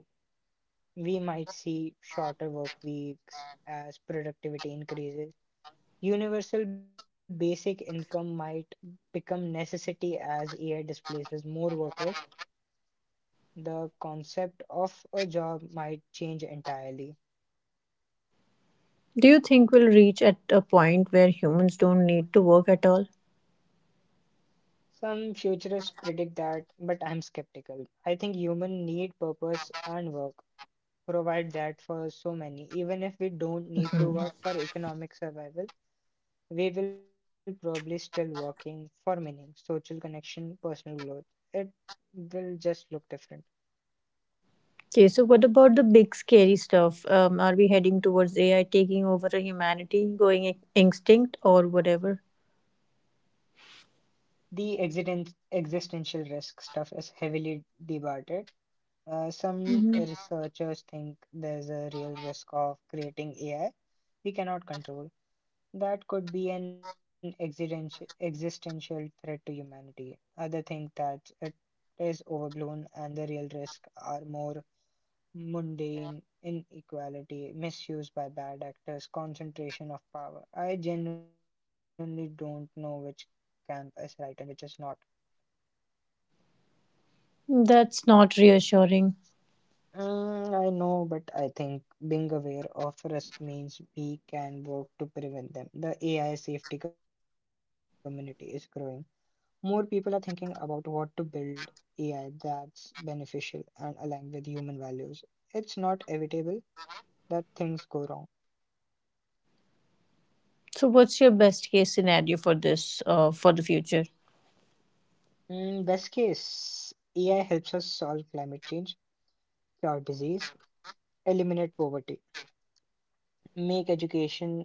S1: We might see shorter work weeks as productivity increases. Universal basic income might become necessity as AI displaces more workers. The concept of a job might change entirely.
S2: Do you think we'll reach at a point where humans don't need to work at all?
S1: Some futurists predict that, but I'm skeptical. I think human need purpose and work provide that for so many. Even if we don't need to work for economic survival, we will probably still working for meaning, social connection, personal growth. It will just look different.
S2: Okay, so what about the big scary stuff? Are we heading towards AI taking over the humanity, going extinct or whatever?
S1: The existential risk stuff is heavily debated. Some
S2: Mhm.
S1: researchers think there's a real risk of creating AI we cannot control. That could be an existential threat to humanity. Others think that it is overblown and the real risks are more mundane inequality, misuse by bad actors, concentration of power. I genuinely don't know which camp is right and which is not.
S2: That's not reassuring.
S1: Mm, I know, but I think being aware of risk means we can work to prevent them. The AI safety community is growing. More people are thinking about what to build AI that's beneficial and aligned with human values. It's not evitable that things go wrong.
S2: So, what's your best case scenario for this, for the future?
S1: Mm, best case, AI helps us solve climate change, cure disease, eliminate poverty, make education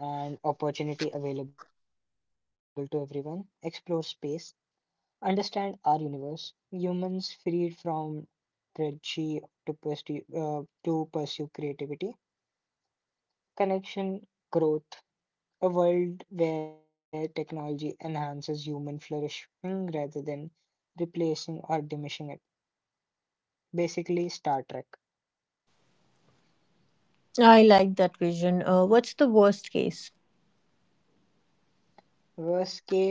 S1: and opportunity available to everyone, explore space, understand our universe. Humans freed from tragedy to pursue, uh, to pursue creativity, connection, growth, a world where technology enhances human flourishing rather than replacing or diminishing it. Basically, Star Trek.
S2: I like that vision. What's the worst case?
S1: Worst case,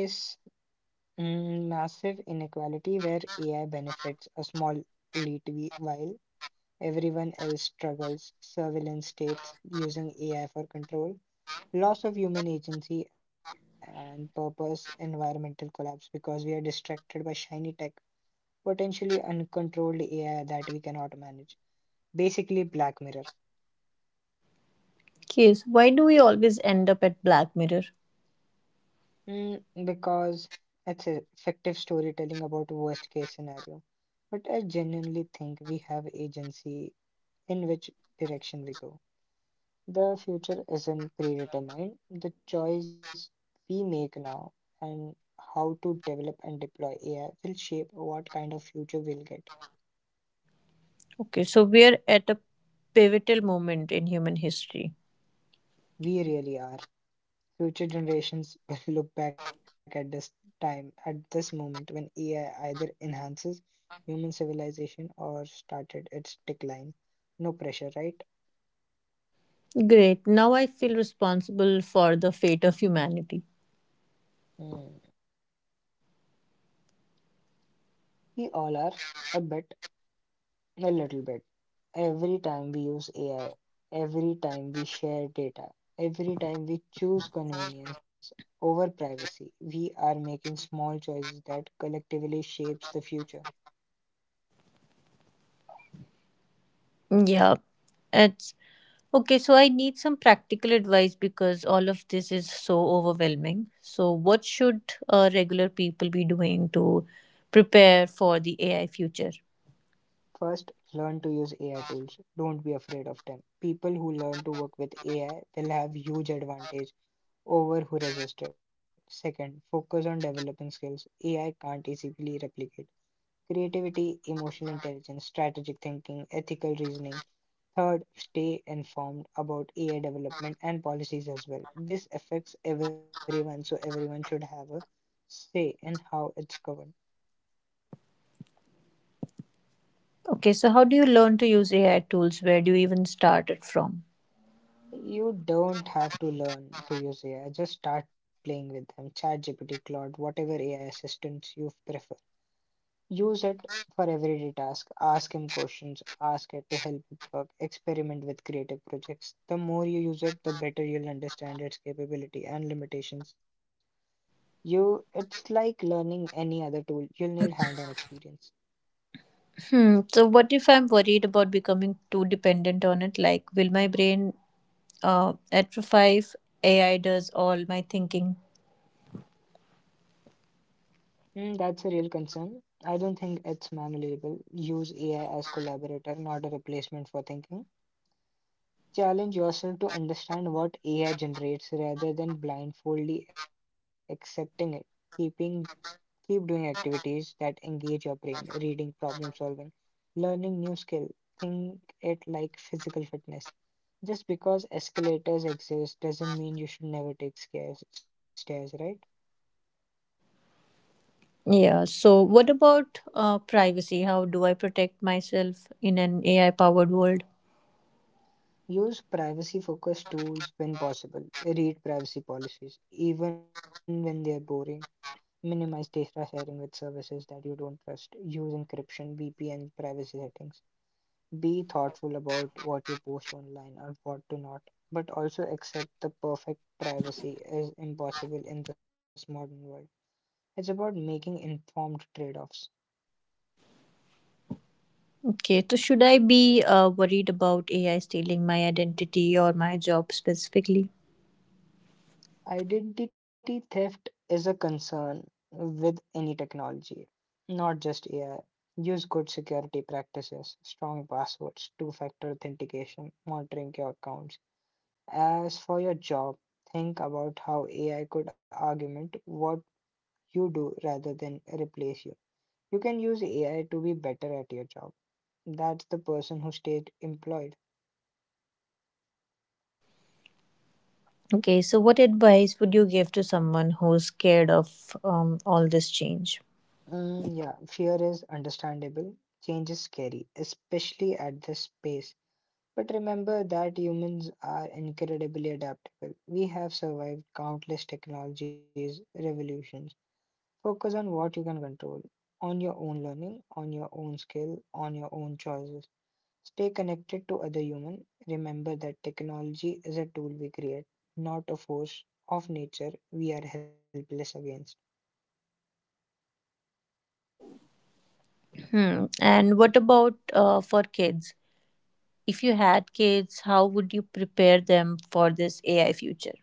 S1: mm, massive inequality where AI benefits a small elite while everyone else struggles. Surveillance states using AI for control. Loss of human agency and purpose, environmental collapse because we are distracted by shiny tech, potentially uncontrolled AI that we cannot manage. Basically, Black Mirror.
S2: Case, Why do we always end up at Black Mirror?
S1: Mm, because it's a effective storytelling about worst case scenario. But I genuinely think we have agency in which direction we go. The future isn't predetermined. The choice we make now and how to develop and deploy AI will shape what kind of future we'll get.
S2: Okay, so we're at a pivotal moment in human history.
S1: We really are. Future generations will look back at this time, at this moment when AI either enhances human civilization or started its decline. No pressure, right?
S2: Great, now I feel responsible for the fate of humanity.
S1: Hmm. We all are a bit A little bit. Every time we use AI, every time we share data, every time we choose convenience over privacy, we are making small choices that collectively shapes the future.
S2: Yeah, it's Okay, so I need some practical advice because all of this is so overwhelming. So, what should regular people be doing to prepare for the AI future?
S1: First, learn to use AI tools. Don't be afraid of them. People who learn to work with AI will have huge advantage over who resist it. Second, focus on developing skills AI can't easily replicate. Creativity, emotional intelligence, strategic thinking, ethical reasoning. Third, stay informed about AI development and policies as well. This affects everyone, so everyone should have a say in how it's governed.
S2: Okay, so how do you learn to use AI tools? Where do you even start it from?
S1: You don't have to learn to use AI, just start playing with them. ChatGPT, Claude, whatever AI assistants you prefer. Use it for everyday task. Ask him questions, ask it to help with work, experiment with creative projects. The more you use it, the better you'll understand its capability and limitations. It's like learning any other tool. You'll need hand-on experience.
S2: Hmm, so, what if I'm worried about becoming too dependent on it? Like, will my brain atrophy if AI does all my thinking?
S1: Hmm, that's a real concern. I don't think it's manageable. Use AI as collaborator, not a replacement for thinking. Challenge yourself to understand what AI generates rather than blindfoldly accepting it. Keeping keep doing activities that engage your brain, reading, problem solving, learning new skill. Think it like physical fitness. Just because escalators exist doesn't mean you should never take stairs, right?
S2: Yeah, so what about privacy? How do I protect myself in an AI powered world?
S1: Use privacy focused tools when possible. Read privacy policies, even when they're boring. Minimize data sharing with services that you don't trust. Use encryption, VPN, privacy settings. Be thoughtful about what you post online and what to not, but also accept the perfect privacy is impossible in this modern world. It's about making informed trade offs.
S2: Okay, so should I be worried about AI stealing my identity or my job specifically?
S1: Identity theft is a concern with any technology, not just AI. Use good security practices, strong passwords, two factor authentication, monitoring your accounts. As for your job, think about how AI could augment what you do rather than replace you. You can use AI to be better at your job. That's the person who stayed employed.
S2: Okay, so what advice would you give to someone who's scared of all this change?
S1: Mm, yeah, fear is understandable. Change is scary, especially at this pace. But remember that humans are incredibly adaptable. We have survived countless technologies, revolutions. Focus on what you can control, on your own learning, on your own skill, on your own choices. Stay connected to other humans. Remember that technology is a tool we create, not a force of nature we are helpless against.
S2: Hmm. And what about for kids? If you had kids, how would you prepare them for this AI future?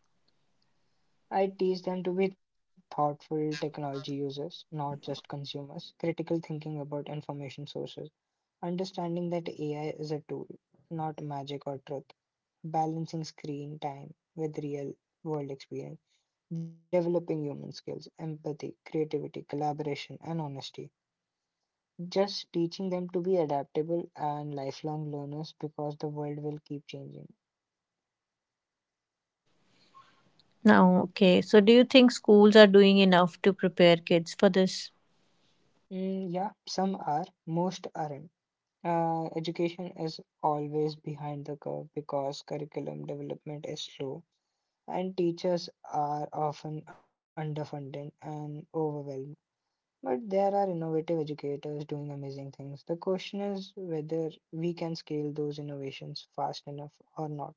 S1: I teach them to be thoughtful technology users, not just consumers. Critical thinking about information sources. Understanding that AI is a tool, not magic or truth, balancing screen time with real world experience, developing human skills, empathy, creativity, collaboration, and honesty. Just teaching them to be adaptable and lifelong learners because the world will keep changing.
S2: Now, okay, so do you think schools are doing enough to prepare kids for this?
S1: Mm, yeah, some are, most aren't. Education is always behind the curve because curriculum development is slow and teachers are often underfunded and overwhelmed. But there are innovative educators doing amazing things. The question is whether we can scale those innovations fast enough or not.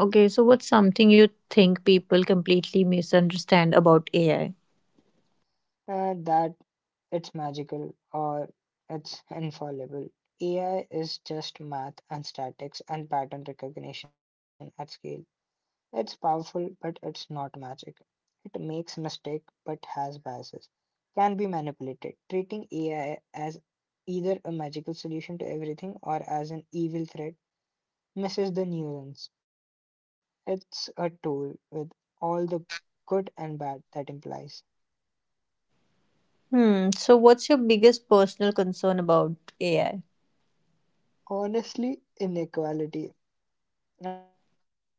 S2: Okay, so what's something you think people completely misunderstand about AI?
S1: That it's magical or it's infallible. AI is just math and statics and pattern recognition at scale. It's powerful, but it's not magic. It makes mistakes but has biases, can be manipulated. Treating AI as either a magical solution to everything or as an evil threat misses the nuance. It's a tool with all the good and bad that implies.
S2: Hmm. So, what's your biggest personal concern about AI?
S1: Honestly, inequality.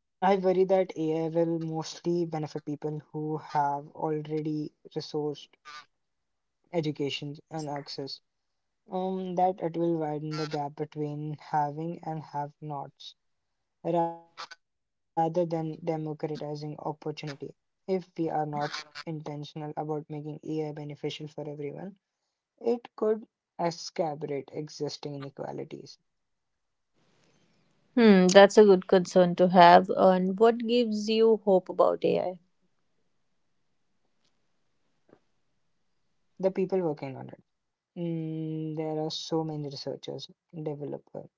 S1: I worry that AI will mostly benefit people who have already resourced education and access. That it will widen the gap between having and have nots rather than democratizing opportunity. If we are not intentional about making AI beneficial for everyone, it could exacerbate existing inequalities.
S2: Hmm. That's a good concern to have. And what gives you hope about AI?
S1: The people working on it. Mm, there are so many researchers, developers,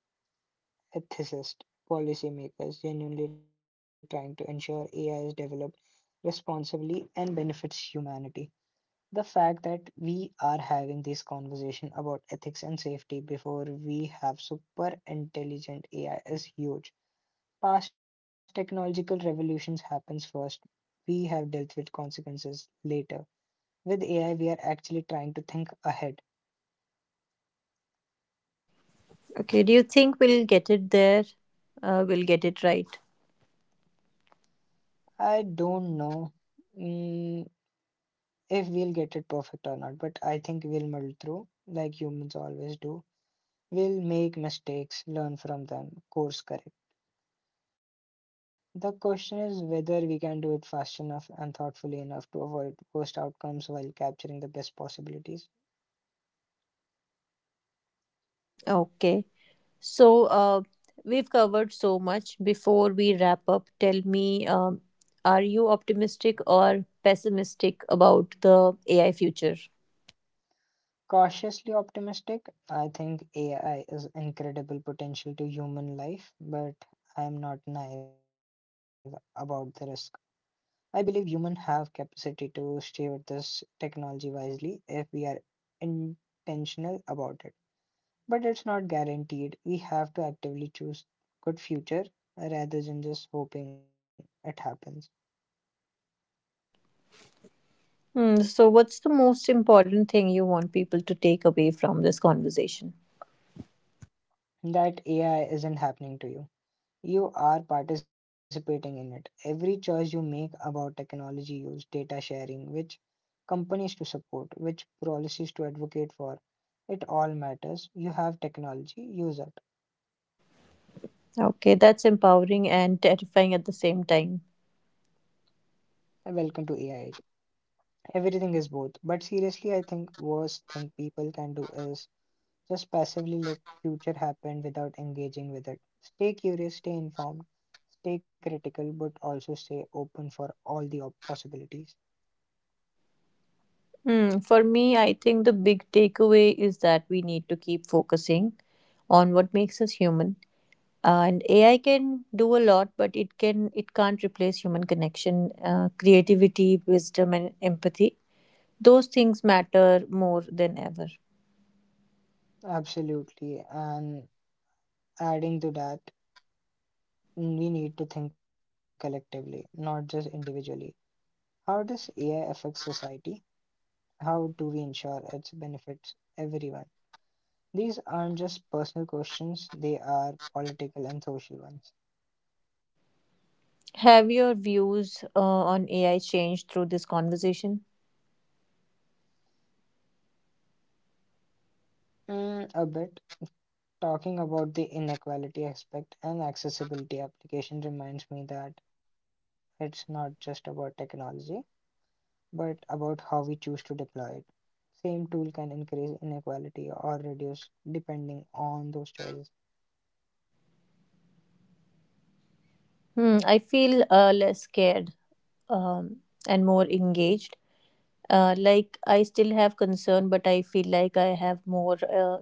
S1: ethicists, policymakers genuinely trying to ensure AI is developed responsibly and benefits humanity. The fact that we are having this conversation about ethics and safety before we have super intelligent AI is huge. Past technological revolutions happens first. We have dealt with consequences later. With AI, we are actually trying to think ahead.
S2: Okay. Do you think we'll get it there? We'll get it right.
S1: I don't know, mm, if we'll get it perfect or not, but I think we'll muddle through like humans always do. We'll make mistakes, learn from them, course correct. The question is whether we can do it fast enough and thoughtfully enough to avoid worst outcomes while capturing the best possibilities.
S2: Okay. So, we've covered so much. Before we wrap up, tell me, are you optimistic or pessimistic about the AI future?
S1: Cautiously optimistic, I think AI is incredible potential to human life, but I am not naive about the risk. I believe humans have capacity to steward this technology wisely if we are intentional about it, but it's not guaranteed. We have to actively choose good future rather than just hoping it happens.
S2: Hmm. So, what's the most important thing you want people to take away from this conversation?
S1: That AI isn't happening to you. You are participating in it. Every choice you make about technology use, data sharing, which companies to support, which policies to advocate for, it all matters. You have technology, use it.
S2: Okay, that's empowering and terrifying at the same time.
S1: Welcome to AI age. Everything is both. But seriously, I think worst thing people can do is just passively let future happen without engaging with it. Stay curious, stay informed, stay critical, but also stay open for all the possibilities.
S2: Hmm, for me, I think the big takeaway is that we need to keep focusing on what makes us human. And AI can do a lot, but it can't replace human connection, creativity, wisdom, and empathy. Those things matter more than ever.
S1: Absolutely. And adding to that, we need to think collectively, not just individually. How does AI affect society? How do we ensure it benefits everyone? These aren't just personal questions, they are political and social ones.
S2: Have your views on AI changed through this conversation?
S1: Mm, a bit. Talking about the inequality aspect and accessibility application reminds me that it's not just about technology, but about how we choose to deploy it. Same tool can increase inequality or reduce depending on those choices.
S2: Hmm, I feel less scared um, and more engaged. Like I still have concern, but I feel like I have more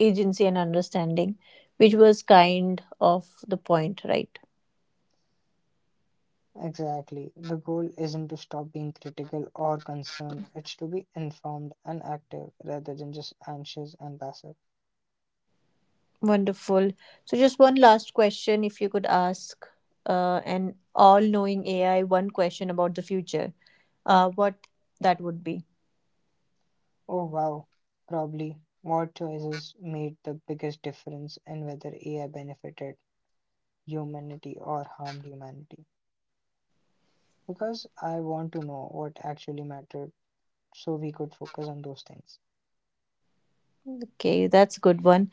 S2: agency and understanding, which was kind of the point, right?
S1: Exactly. The goal isn't to stop being critical or concerned, it's to be informed and active rather than just anxious and passive.
S2: Wonderful. So, just one last question, if you could ask an all-knowing AI one question about the future, what that would be.
S1: Oh wow, probably what choices made the biggest difference and whether AI benefited humanity or harmed humanity because I want to know what actually mattered so we could focus on those things.
S2: Okay, that's a good one.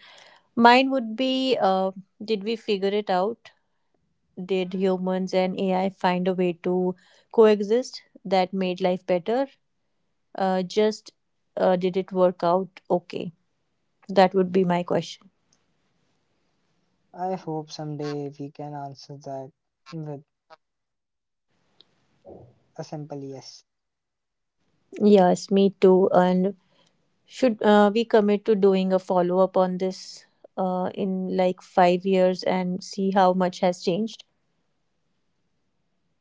S2: Mine would be, did we figure it out? Did humans and AI find a way to coexist that made life better just did it work out okay? That would be my question.
S1: I hope someday we can answer that with a simple yes.
S2: Yes, me too. And should we commit to doing a follow up on this in like 5 years and see how much has changed?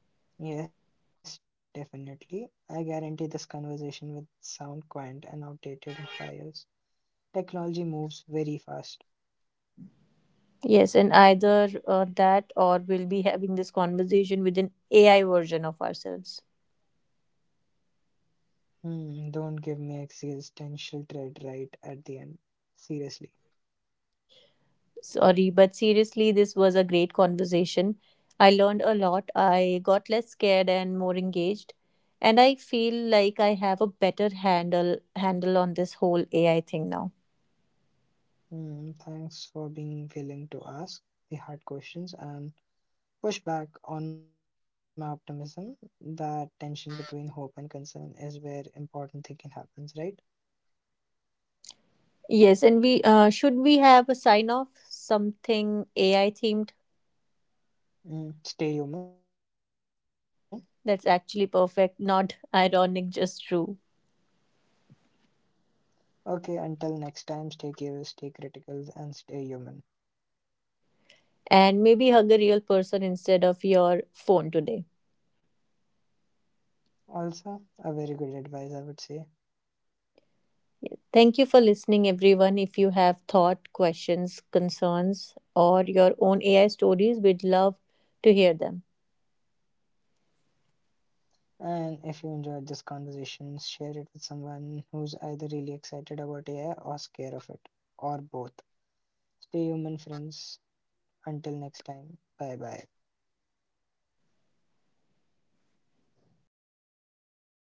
S1: Yes, definitely. I guarantee this conversation will sound quaint and outdated in 5 years. Technology moves very fast.
S2: Yes, and either that or we'll be having this conversation with an AI version of ourselves.
S1: Hmm, don't give me existential dread right at the end. Seriously.
S2: Sorry, but seriously, this was a great conversation. I learned a lot. I got less scared and more engaged. And I feel like I have a better handle on this whole AI thing now.
S1: Hmm, thanks for being willing to ask the hard questions and push back on my optimism. That tension between hope and concern is where important thinking happens, right?
S2: Yes, and we should we have a sign off something AI themed
S1: Hmm, stay human.
S2: that's actually perfect, not ironic, just true.
S1: Okay, until next time, stay curious, stay critical, and stay human.
S2: And maybe hug a real person instead of your phone today.
S1: Also, a very good advice, I would say.
S2: Thank you for listening, everyone. If you have thought, questions, concerns, or your own AI stories, we'd love to hear them.
S1: And if you enjoyed this conversation, share it with someone who's either really excited about AI or scared of it, or both. Stay human, friends. Until next time, bye bye.